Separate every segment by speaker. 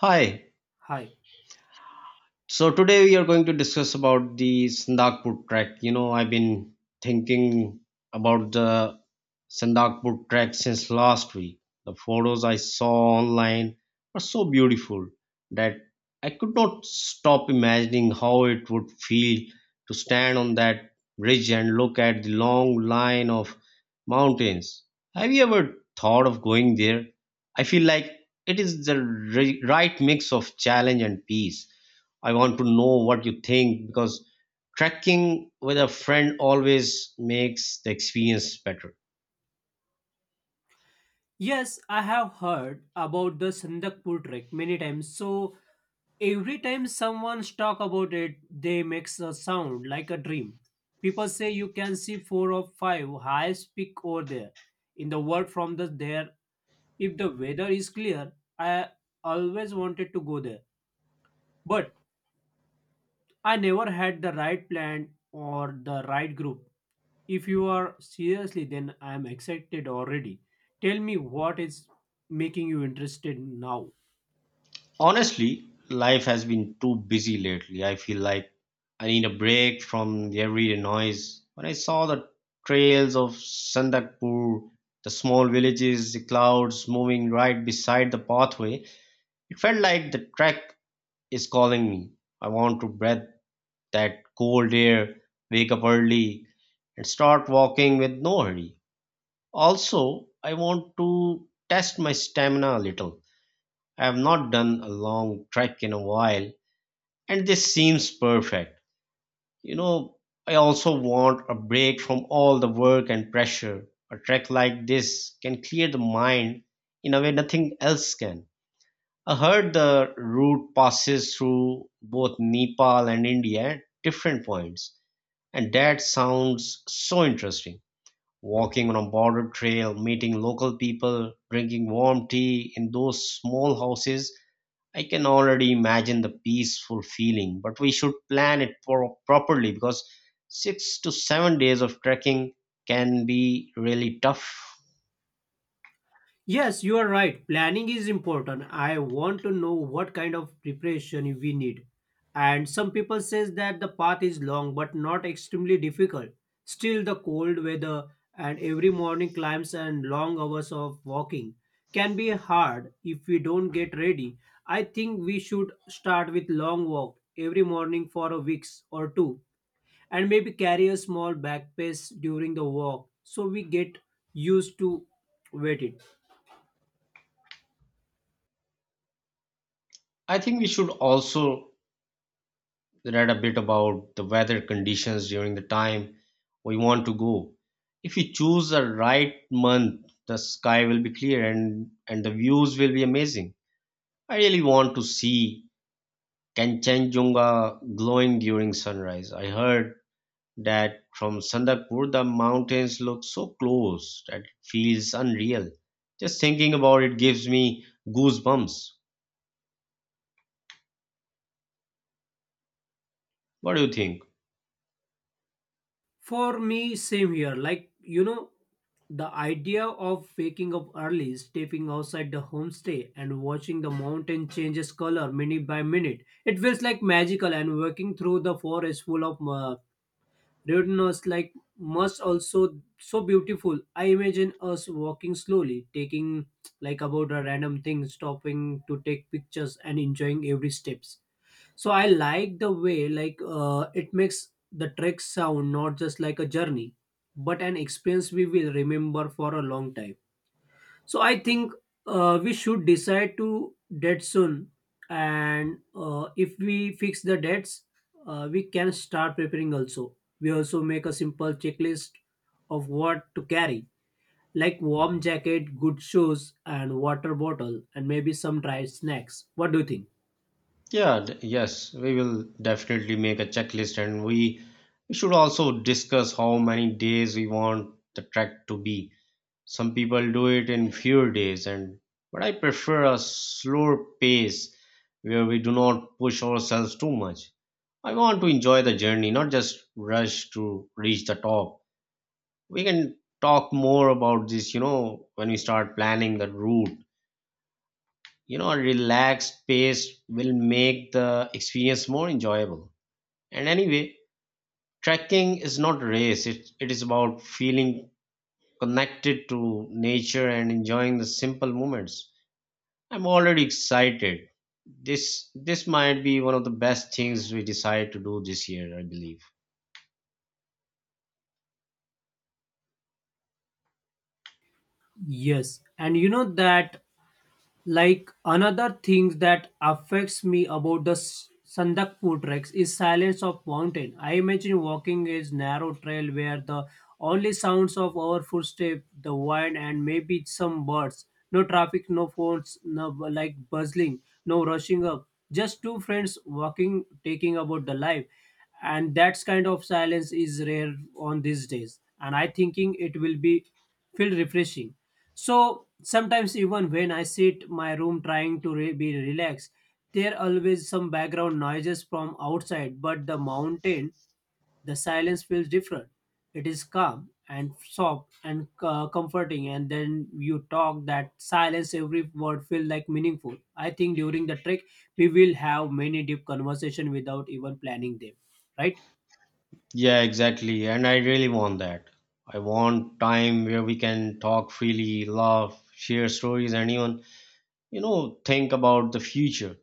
Speaker 1: Hi,
Speaker 2: Hi.
Speaker 1: so today we are going to discuss about the Sandakpur trek. You know, I've been thinking about the Sandakpur trek since last week. The photos I saw online were so beautiful that I could not stop imagining how it would feel to stand on that ridge and look at the long line of mountains. Have you ever thought of going there? I feel like it is the right mix of challenge and peace. I want to know what you think because trekking with a friend always makes the experience better.
Speaker 2: Yes, I have heard about the Sandakpur trek many times. So every time someone's talk about it, they makes a sound like a dream. People say you can see four or five highest peak over there in the world from the there. If the weather is clear, I always wanted to go there. But I never had the right plan or the right group. If you are seriously, then I am excited already. Tell me what is making you interested now.
Speaker 1: Honestly, life has been too busy lately. I feel like I need a break from the everyday noise. When I saw the trails of Sandakpur, the small villages, the clouds moving right beside the pathway, it felt like the trek is calling me. I want to breathe that cold air, wake up early, and start walking with no hurry. Also, I want to test my stamina a little. I have not done a long trek in a while, and this seems perfect. You know, I also want a break from all the work and pressure. A trek like this can clear the mind in a way nothing else can. I heard the route passes through both Nepal and India at different points, and that sounds so interesting. Walking on a border trail, meeting local people, drinking warm tea in those small houses, I can already imagine the peaceful feeling. But we should plan it properly because 6 to 7 days of trekking can be really tough.
Speaker 2: Yes, you are right. Planning is important. I want to know what kind of preparation we need. And some people says that the path is long but not extremely difficult. Still the cold weather and every morning climbs and long hours of walking can be hard if we don't get ready. I think we should start with long walk every morning for a weeks or two and maybe carry a small backpack during the walk so we get used to wet it
Speaker 1: I think we should also read a bit about the weather conditions during the time we want to go. If we choose the right month, the sky will be clear, and the views will be amazing. I really want to see Kanchenjunga glowing during sunrise. I heard that from Sandakpur the mountains look so close that it feels unreal. Just thinking about it gives me goosebumps. What do you think?
Speaker 2: for me same here, like you know, the idea of waking up early, stepping outside the homestay and watching the mountain changes color minute by minute, it feels like magical, and walking through the forest full of Roadness like must also so beautiful. I imagine us walking slowly, taking like about a random thing, stopping to take pictures and enjoying every steps. So I like the way, like it makes the trek sound not just like a journey, but an experience we will remember for a long time. So I think we should decide to date soon, and if we fix the dates, we can start preparing. Also, we also make a simple checklist of what to carry, like warm jacket, good shoes, and water bottle, and maybe some dry snacks. What do you think?
Speaker 1: Yes, we will definitely make a checklist, and we should also discuss how many days we want the trek to be. Some people do it in fewer days, and but I prefer a slower pace where we do not push ourselves too much. I want to enjoy the journey, not just rush to reach the top. We can talk more about this, you know, when we start planning the route. You know, a relaxed pace will make the experience more enjoyable. And anyway, trekking is not race. It is about feeling connected to nature and enjoying the simple moments. I'm already excited. This might be one of the best things we decide to do this year, I believe.
Speaker 2: Yes, and you know that like another thing that affects me about the Sandakpur treks is silence of mountain. I imagine walking a narrow trail where the only sounds of our footstep, the wind, and maybe some birds. No traffic, no phones, like buzzing, no rushing up. Just two friends walking, taking about the life, and that kind of silence is rare on these days. And I thinking it will be feel refreshing. So sometimes even when I sit my room trying to be relaxed, there always some background noises from outside. But the mountain, the silence feels different. It is calm and soft and comforting. And then you talk that silence, every word feel like meaningful. I think during the trek we will have many deep conversation without even planning them, right?
Speaker 1: Yeah, exactly. And I really want that. I want time where we can talk freely, laugh, share stories, and even, you know, think about the future.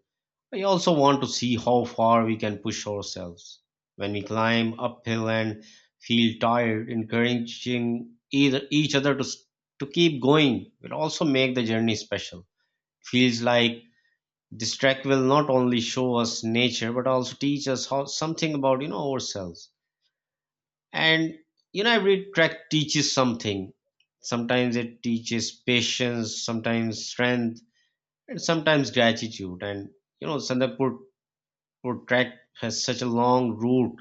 Speaker 1: I also want to see how far we can push ourselves. When we climb uphill and feel tired, encouraging either each other to to keep going will also make the journey special. Feels like this track will not only show us nature but also teach us how something about, you know, ourselves. And you know every track teaches something. Sometimes it teaches patience, sometimes strength, and sometimes gratitude. And you know Sandakpur Pur trek has such a long route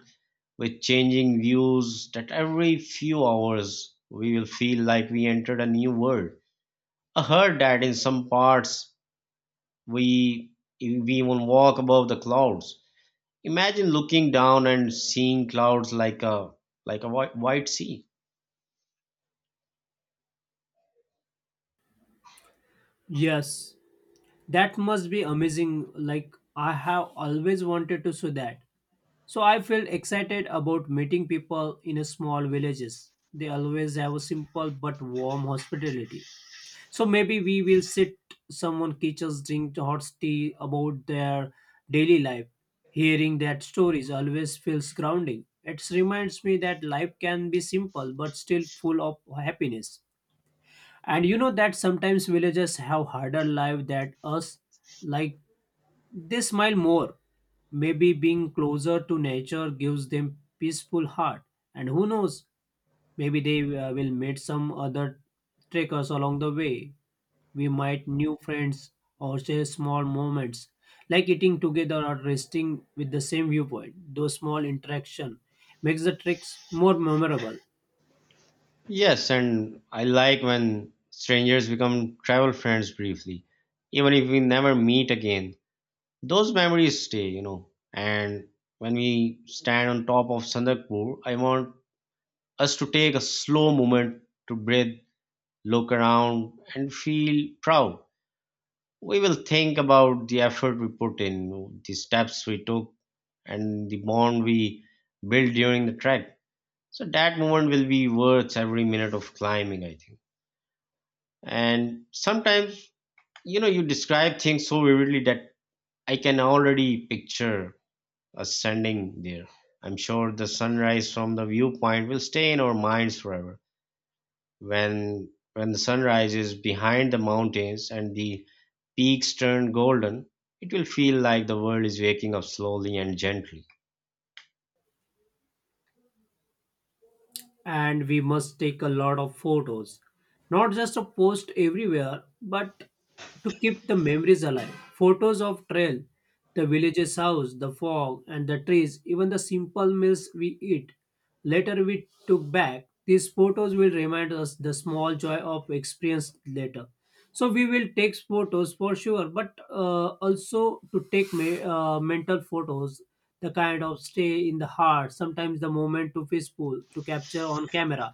Speaker 1: with changing views that every few hours we will feel like we entered a new world. I heard that in some parts we we even walk above the clouds. Imagine looking down and seeing clouds like a white, white sea.
Speaker 2: Yes, that must be amazing. Like I have always wanted to see that. So I felt excited about meeting people in a small villages. They always have a simple but warm hospitality. So maybe we will sit someone teachers drink hot tea about their daily life. Hearing that stories always feels grounding. It reminds me that life can be simple but still full of happiness. And you know that sometimes villagers have harder life than us, like they smile more. Maybe being closer to nature gives them peaceful heart. And who knows, maybe they will meet some other trekkers along the way. We might new friends or share small moments like eating together or resting with the same viewpoint. Those small interaction makes the treks more memorable.
Speaker 1: Yes, and I like when strangers become travel friends briefly, even if we never meet again. Those memories stay, you know. And when we stand on top of Sandarpur, I want us to take a slow moment to breathe, look around, and feel proud. We will think about the effort we put in, the steps we took, and the bond we built during the trek. So that moment will be worth every minute of climbing, I think. And sometimes, you know, you describe things so vividly that I can already picture us standing there. I'm sure the sunrise from the viewpoint will stay in our minds forever. When the sunrise is behind the mountains and the peaks turn golden, it will feel like the world is waking up slowly and gently.
Speaker 2: And we must take a lot of photos, not just to post everywhere but to keep the memories alive. Photos of trail, the village's house, the fog and the trees, even the simple meals we eat later. We took back these photos will remind us the small joy of experience later. So we will take photos for sure, but also to take mental photos, the kind of stay in the heart. Sometimes the moment to peaceful to capture on camera,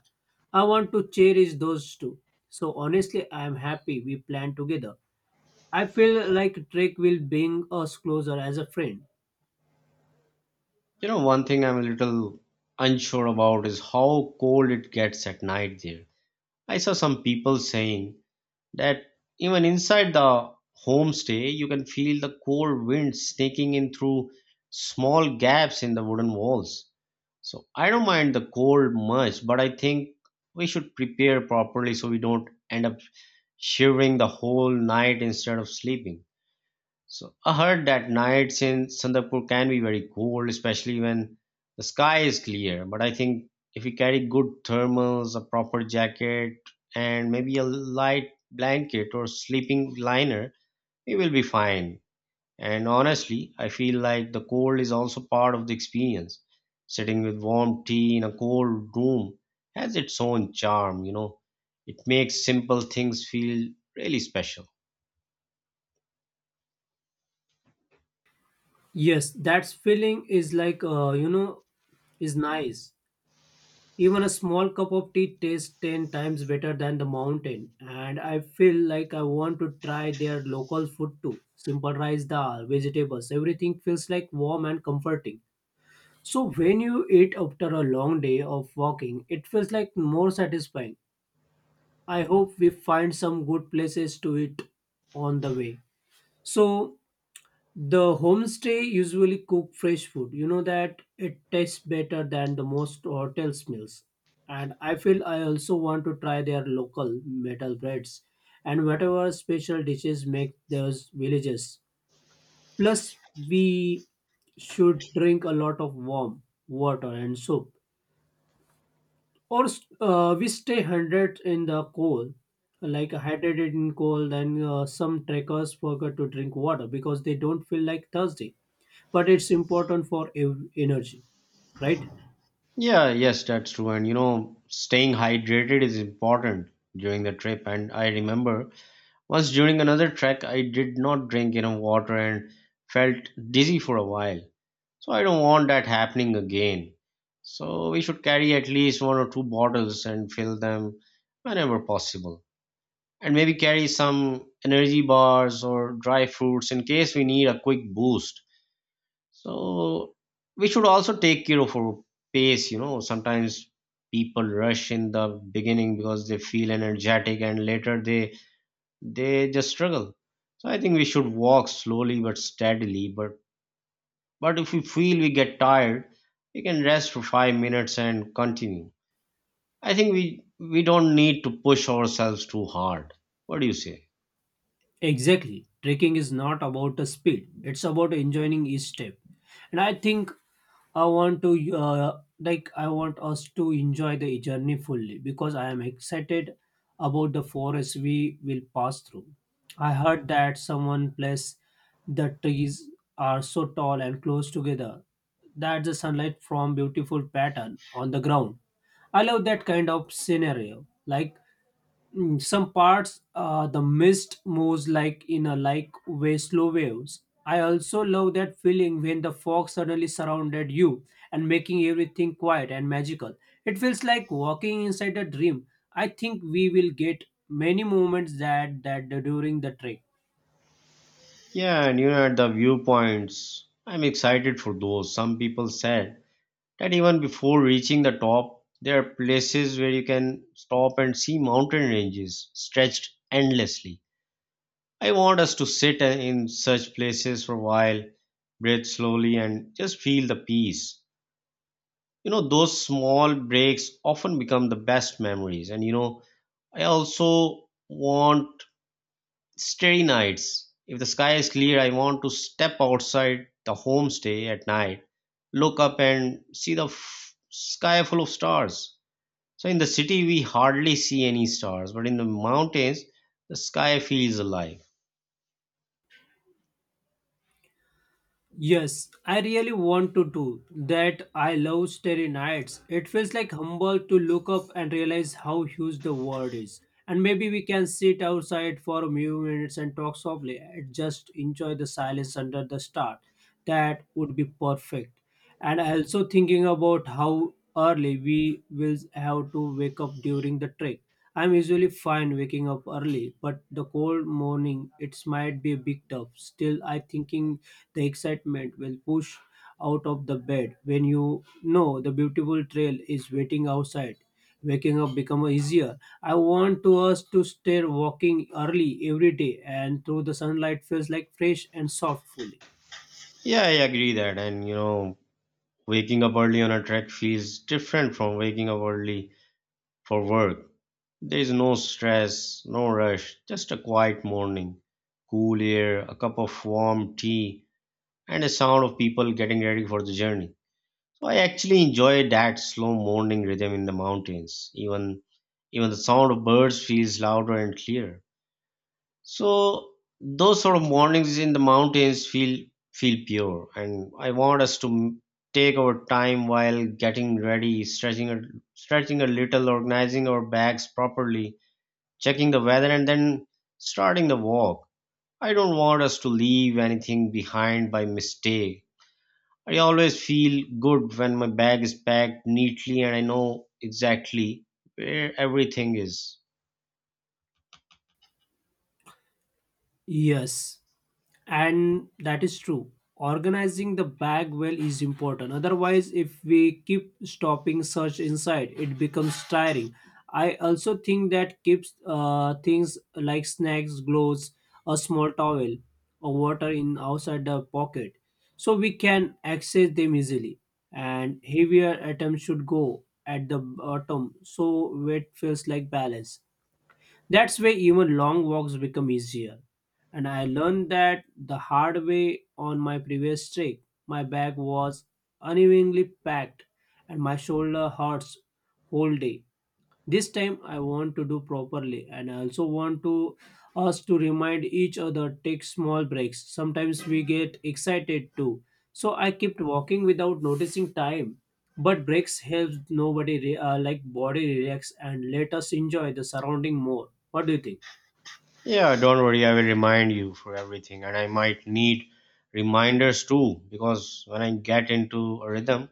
Speaker 2: I want to cherish those too. So honestly, I am happy we planned together. I feel like trek will bring us closer as a friend.
Speaker 1: You know, one thing I'm a little unsure about is how cold it gets at night there. I saw some people saying that even inside the homestay, you can feel the cold wind sneaking in through small gaps in the wooden walls. So I don't mind the cold much, but I think we should prepare properly so we don't end up shivering the whole night instead of sleeping. So I heard that nights in Sandarpur can be very cold, especially when the sky is clear. But I think if we carry good thermals, a proper jacket, and maybe a light blanket or sleeping liner, we will be fine. And honestly, I feel like the cold is also part of the experience. Sitting with warm tea in a cold room has its own charm, you know. It makes simple things feel really special.
Speaker 2: Yes, that feeling is like, you know, is nice. Even a small cup of tea tastes 10 times better than the mountain, and I feel like I want to try their local food too. Simple rice dal, vegetables, everything feels like warm and comforting. So when you eat after a long day of walking, it feels like more satisfying. I hope we find some good places to eat on the way. So the homestay usually cook fresh food. You know that it tastes better than the most hotels meals. And I feel I also want to try their local metal breads and whatever special dishes make those villages. Plus, we should drink a lot of warm water and soup. Or we stay hundred in the cold, like hydrated in cold, and some trekkers forget to drink water because they don't feel like thirsty, but it's important for energy, right?
Speaker 1: Yeah, yes, that's true. And you know, staying hydrated is important during the trip. And I remember once during another trek, I did not drink enough water and felt dizzy for a while. So I don't want that happening again. So we should carry at least one or two bottles and fill them whenever possible. And maybe carry some energy bars or dry fruits in case we need a quick boost. So we should also take care of our pace. You know, sometimes people rush in the beginning because they feel energetic, and later they just struggle. So I think we should walk slowly but steadily. But if we feel we get tired, we can rest for 5 minutes and continue. I think we don't need to push ourselves too hard. What do you say?
Speaker 2: Exactly, trekking is not about the speed, it's about enjoying each step. And I think I want to like I want us to enjoy the journey fully because I am excited about the forest we will pass through. I heard that someone place the trees are so tall and close together that the sunlight from beautiful pattern on the ground. I love that kind of scenario. Like some parts the mist moves like in a like way slow waves. I also love that feeling when the fog suddenly surrounded you and making everything quiet and magical. It feels like walking inside a dream. I think we will get many moments that during the trek.
Speaker 1: Yeah, and you know, at the viewpoints, I'm excited for those. Some people said that even before reaching the top, there are places where you can stop and see mountain ranges stretched endlessly. I want us to sit in such places for a while, breathe slowly, and just feel the peace. You know, those small breaks often become the best memories. And you know, I also want starry nights. If the sky is clear, I want to step outside the homestay at night, look up and see the sky full of stars. So in the city, we hardly see any stars, but in the mountains, the sky feels alive.
Speaker 2: Yes, I really want to do that. I love starry nights. It feels like humble to look up and realize how huge the world is. And maybe we can sit outside for a few minutes and talk softly and just enjoy the silence under the star. That would be perfect. And also thinking about how early we will have to wake up during the trek. I'm usually fine waking up early, but the cold morning it might be a bit tough. Still, I thinking the excitement will push out of the bed. When you know the beautiful trail is waiting outside, waking up become easier. I want to us to stay walking early every day, and through the sunlight feels like fresh and soft feeling.
Speaker 1: Yeah, I agree that. And you know, waking up early on a trek feels different from waking up early for work. There is no stress, no rush, just a quiet morning, cool air, a cup of warm tea, and a sound of people getting ready for the journey. So I actually enjoy that slow morning rhythm in the mountains. Even the sound of birds feels louder and clearer. So those sort of mornings in the mountains feel pure, and I want us to take our time while getting ready, stretching a little, organizing our bags properly, checking the weather, and then starting the walk. I don't want us to leave anything behind by mistake. I always feel good when my bag is packed neatly and I know exactly where everything is.
Speaker 2: Yes. And that is true, organizing the bag well is important. Otherwise, if we keep stopping search inside, it becomes tiring. I also think that keeps things like snacks, gloves, a small towel, or water in outside the pocket so we can access them easily. And heavier items should go at the bottom so weight feels like balance. That's why even long walks become easier. And I learned that the hard way on my previous trip. My bag was unevenly packed and my shoulder hurts whole day. This time I want to do properly, and I also want to us to remind each other take small breaks. Sometimes we get excited too, so I kept walking without noticing time. But breaks helps nobody like body relax and let us enjoy the surrounding more. What do you think?
Speaker 1: Yeah, don't worry, I will remind you for everything, and I might need reminders too because when I get into a rhythm,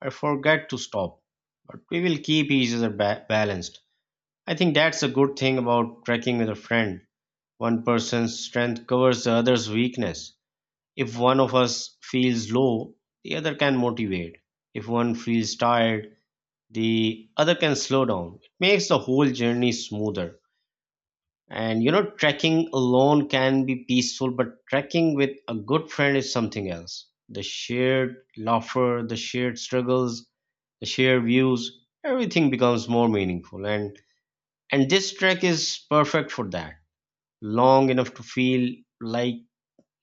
Speaker 1: I forget to stop. But we will keep each other balanced. I think that's a good thing about trekking with a friend. One person's strength covers the other's weakness. If one of us feels low, the other can motivate. If one feels tired, the other can slow down. It makes the whole journey smoother. And you know, trekking alone can be peaceful, but trekking with a good friend is something else. The shared laughter, the shared struggles, the shared views, everything becomes more meaningful. And this trek is perfect for that. Long enough to feel like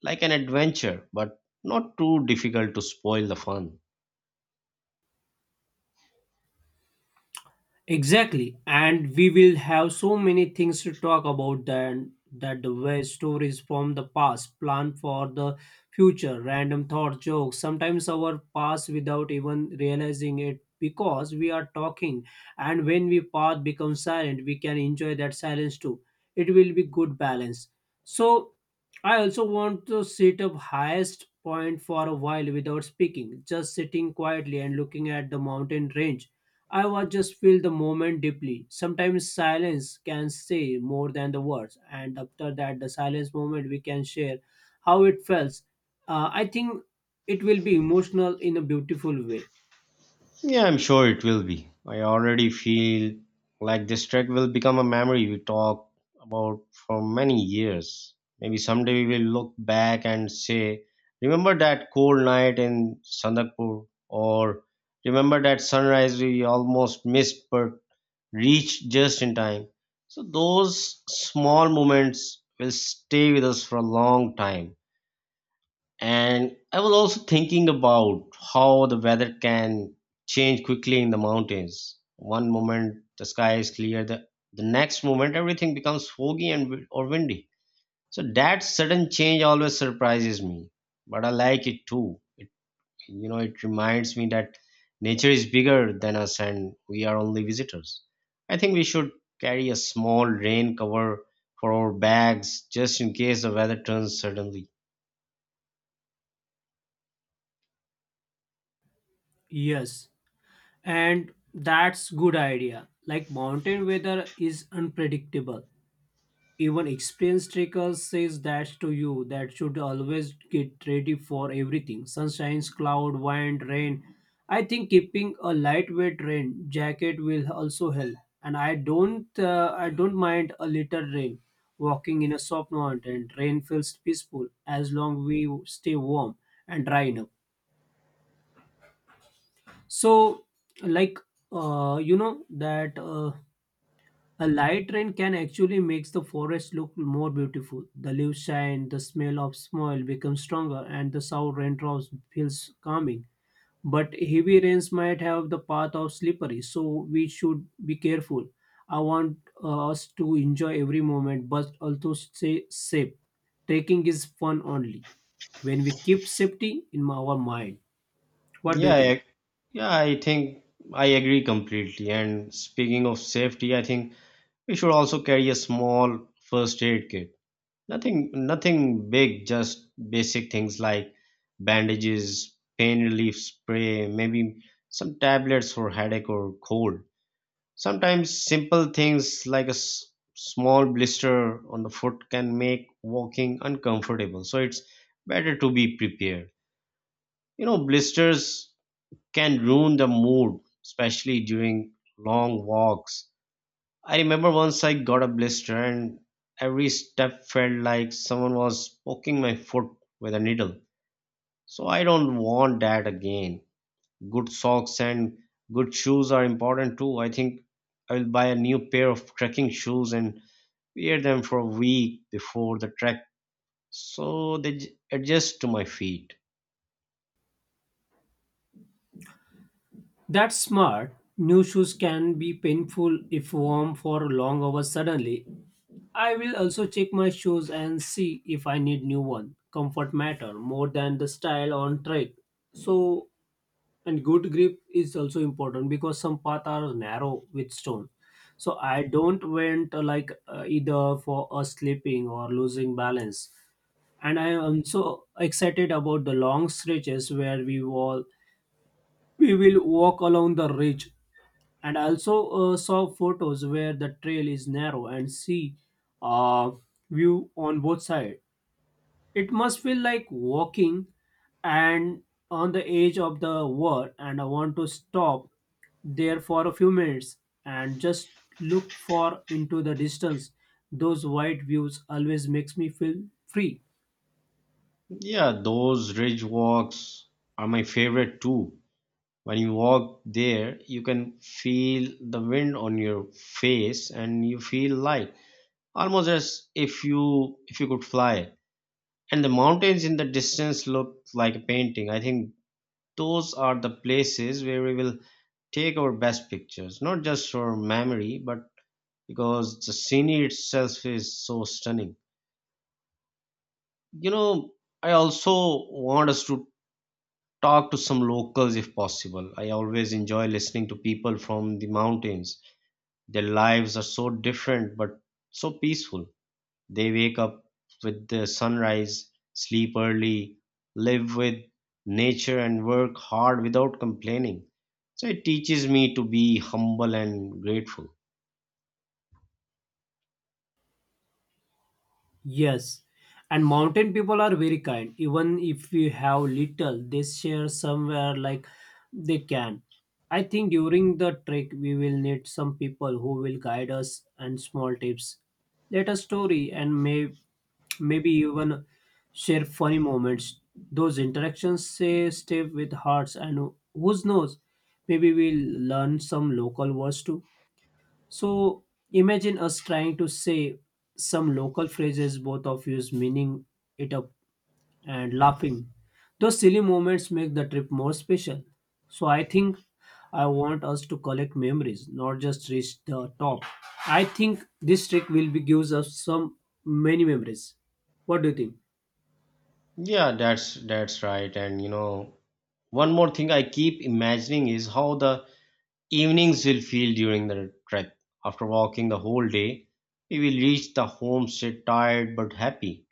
Speaker 1: like an adventure, but not too difficult to spoil the fun.
Speaker 2: Exactly, and we will have so many things to talk about then, that the way stories from the past, plan for the future, random thought jokes, sometimes our past without even realizing it because we are talking. And when we path becomes silent, we can enjoy that silence too. It will be good balance. So I also want to sit up highest point for a while without speaking, just sitting quietly and looking at the mountain range. I was just feel the moment deeply. Sometimes silence can say more than the words, and after that, the silence moment we can share how it felt. I think it will be emotional in a beautiful way.
Speaker 1: Yeah, I'm sure it will be. I already feel like this trek will become a memory we talk about for many years. Maybe someday we will look back and say, remember that cold night in Sandakpur? Or remember that sunrise we almost missed but reached just in time? So those small moments will stay with us for a long time. And I was also thinking about how the weather can change quickly in the mountains. One moment the sky is clear, the next moment everything becomes foggy and or windy. So that sudden change always surprises me, but I like it too. It you know it reminds me that nature is bigger than us and we are only visitors. I think we should carry a small rain cover for our bags just in case the weather turns suddenly.
Speaker 2: Yes, and that's good idea. Like mountain weather is unpredictable. Even experienced trekkers says that to you that should always get ready for everything. Sunshines, cloud, wind, rain. I think keeping a lightweight rain jacket will also help. And I don't mind a little rain. Walking in a soft mountain, rain feels peaceful as long we stay warm and dry enough. So like, you know that, a light rain can actually makes the forest look more beautiful. The leaves shine, the smell of soil becomes stronger, and the sound raindrops feels calming. But heavy rains might have the path of slippery, so we should be careful. I want us to enjoy every moment, but also stay safe. Trekking is fun only when we keep safety in our mind. What do
Speaker 1: Yeah,
Speaker 2: you think?
Speaker 1: I Yeah, I think I agree completely. And speaking of safety, I think we should also carry a small first aid kit. Nothing big, just basic things like bandages, pain relief spray, maybe some tablets for headache or cold. Sometimes simple things like a small blister on the foot can make walking uncomfortable. So it's better to be prepared. You know, blisters can ruin the mood, especially during long walks. I remember once I got a blister and every step felt like someone was poking my foot with a needle. So I don't want that again. Good socks and good shoes are important too. I think I will buy a new pair of trekking shoes and wear them for a week before the trek so they adjust to my feet.
Speaker 2: That's smart. New shoes can be painful if worn for long hours suddenly. I will also check my shoes and see if I need new one. Comfort matter more than the style on trek. So and good grip is also important because some paths are narrow with stone. So I don't went either for a slipping or losing balance. And I am so excited about the long stretches where we will walk along the ridge, and I also saw photos where the trail is narrow and see uh, view on both sides. It must feel like walking and on the edge of the world, and I want to stop there for a few minutes and just look for into the distance. Those wide views always makes me feel free.
Speaker 1: Yeah, those ridge walks are my favorite too. When you walk there, you can feel the wind on your face and you feel light, almost as if you could fly, and the mountains in the distance look like a painting. I think those are the places where we will take our best pictures, not just for memory but because the scenery itself is so stunning. You know, I also want us to talk to some locals if possible. I always enjoy listening to people from the mountains. Their lives are so different but so peaceful. They wake up with the sunrise, sleep early, live with nature, and work hard without complaining. So it teaches me to be humble and grateful.
Speaker 2: Yes, and mountain people are very kind. Even if you have little, they share somewhere like they can. I think during the trek, we will need some people who will guide us and small tips. Let us story and maybe even share funny moments. Those interactions say stay with hearts, and who knows, maybe we'll learn some local words too. So imagine us trying to say some local phrases, both of us meaning it up and laughing. Those silly moments make the trip more special. So I think I want us to collect memories, not just reach the top. I think this trick will be gives us some many memories. What do you think?
Speaker 1: Yeah, that's right. And you know, one more thing I keep imagining is how the evenings will feel during the trek. After walking the whole day, we will reach the homestead tired but happy.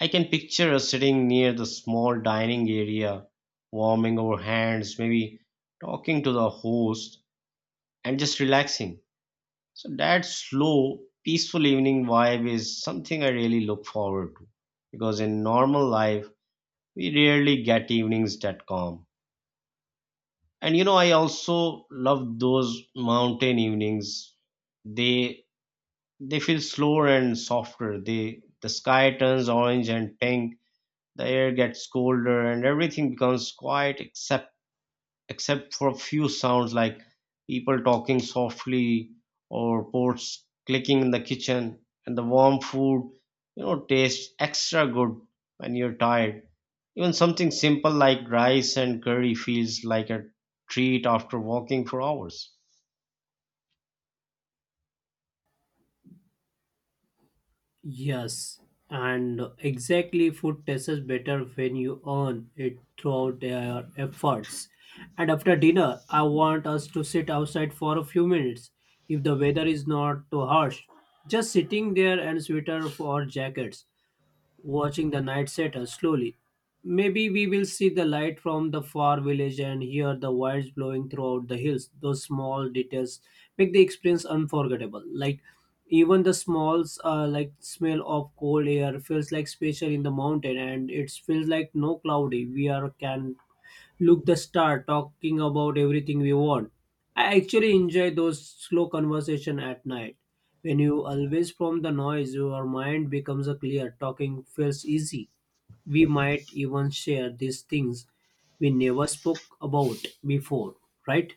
Speaker 1: I can picture us sitting near the small dining area, warming our hands, maybe talking to the host and just relaxing. So that slow, peaceful evening vibe is something I really look forward to, because in normal life, we rarely get evenings that calm. And you know, I also love those mountain evenings. They they feel slower and softer. They the sky turns orange and pink. The air gets colder and everything becomes quiet, except for a few sounds like people talking softly or pots clicking in the kitchen. And the warm food, you know, tastes extra good when you're tired. Even something simple like rice and curry feels like a treat after walking for hours.
Speaker 2: Yes, and exactly food tastes better when you earn it throughout their efforts. And after dinner, I want us to sit outside for a few minutes if the weather is not too harsh. Just sitting there and sweater or jackets, watching the night settle slowly. Maybe we will see the light from the far village and hear the winds blowing throughout the hills. Those small details make the experience unforgettable. Like even the smalls, like smell of cold air feels like special in the mountain, and it feels like no cloudy. We are can look the star talking about everything we want. I actually enjoy those slow conversation at night. When you always from the noise, your mind becomes a clear. Talking feels easy. We might even share these things we never spoke about before, right?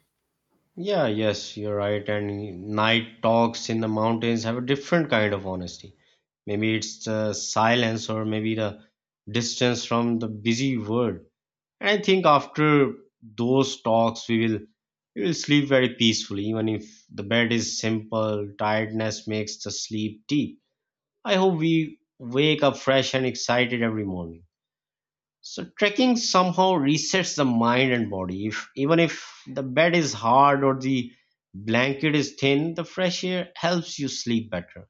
Speaker 1: Yeah, yes, you're right. And night talks in the mountains have a different kind of honesty. Maybe it's the silence or maybe the distance from the busy world. And I think after those talks, we will sleep very peacefully, even if the bed is simple. Tiredness makes the sleep deep. I hope we wake up fresh and excited every morning. So trekking somehow resets the mind and body. If even if the bed is hard or the blanket is thin, the fresh air helps you sleep better.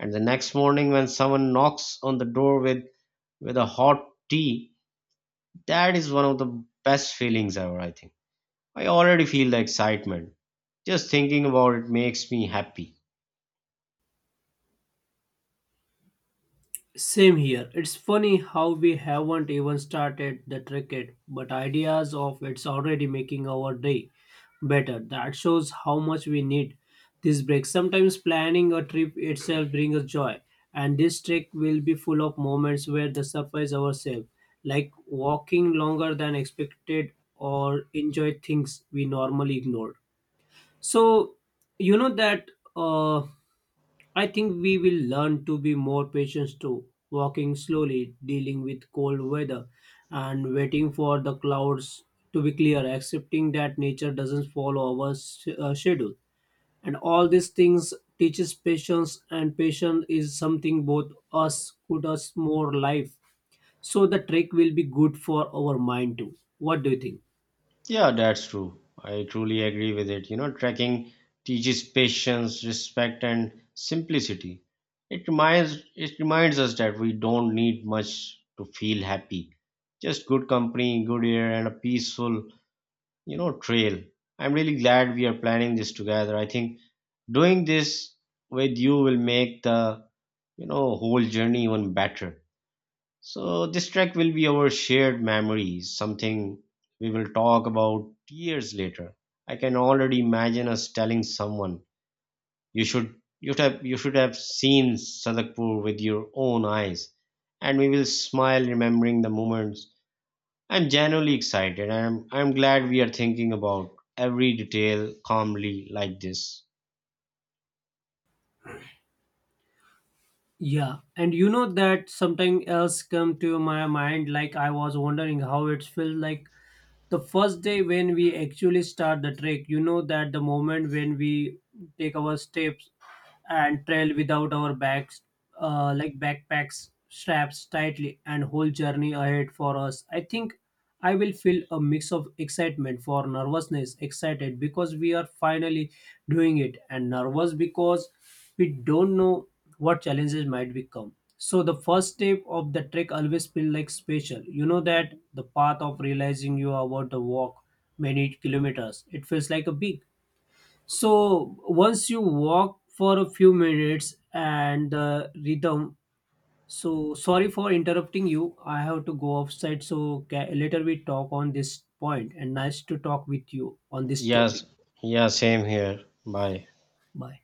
Speaker 1: And the next morning when someone knocks on the door with a hot tea, that is one of the best feelings ever, I think. I already feel the excitement. Just thinking about it makes me happy.
Speaker 2: Same here. It's funny how we haven't even started the cricket, but ideas of it's already making our day better. That shows how much we need this break. Sometimes planning a trip itself brings us joy, and this trek will be full of moments where the surprise ourselves, like walking longer than expected or enjoy things we normally ignored. So you know that uh, I think we will learn to be more patient too, walking slowly, dealing with cold weather, and waiting for the clouds to be clear, accepting that nature doesn't follow our schedule. And all these things teaches patience, and patience is something both us could us more life. So the trek will be good for our mind too. What do you think?
Speaker 1: Yeah, that's true. I truly agree with it. You know, trekking teaches patience, respect, and simplicity. It reminds us that we don't need much to feel happy. Just good company, good air, and a peaceful, you know, trail. I'm really glad we are planning this together. I think doing this with you will make the, you know, whole journey even better. So, this trek will be our shared memories, something we will talk about years later. I can already imagine us telling someone, you should, you should have seen Sadakpur with your own eyes. And we will smile remembering the moments. I'm genuinely excited. And I'm glad we are thinking about every detail calmly like this.
Speaker 2: Yeah, and you know that something else come to my mind, like I was wondering how it feels like the first day when we actually start the trek, you know, that the moment when we take our steps and trail without our bags, like backpacks, straps tightly, and whole journey ahead for us. I think I will feel a mix of excitement for nervousness, excited because we are finally doing it, and nervous because we don't know what challenges might become. So the first step of the trek always feel like special. You know that the path of realizing you are about to walk many kilometers. It feels like a big, so once you walk for a few minutes and the rhythm. So sorry for interrupting you. I have to go outside. So later we talk on this point. And nice to talk with you on this
Speaker 1: Yes,
Speaker 2: topic.
Speaker 1: yeah, same here. Bye.
Speaker 2: Bye.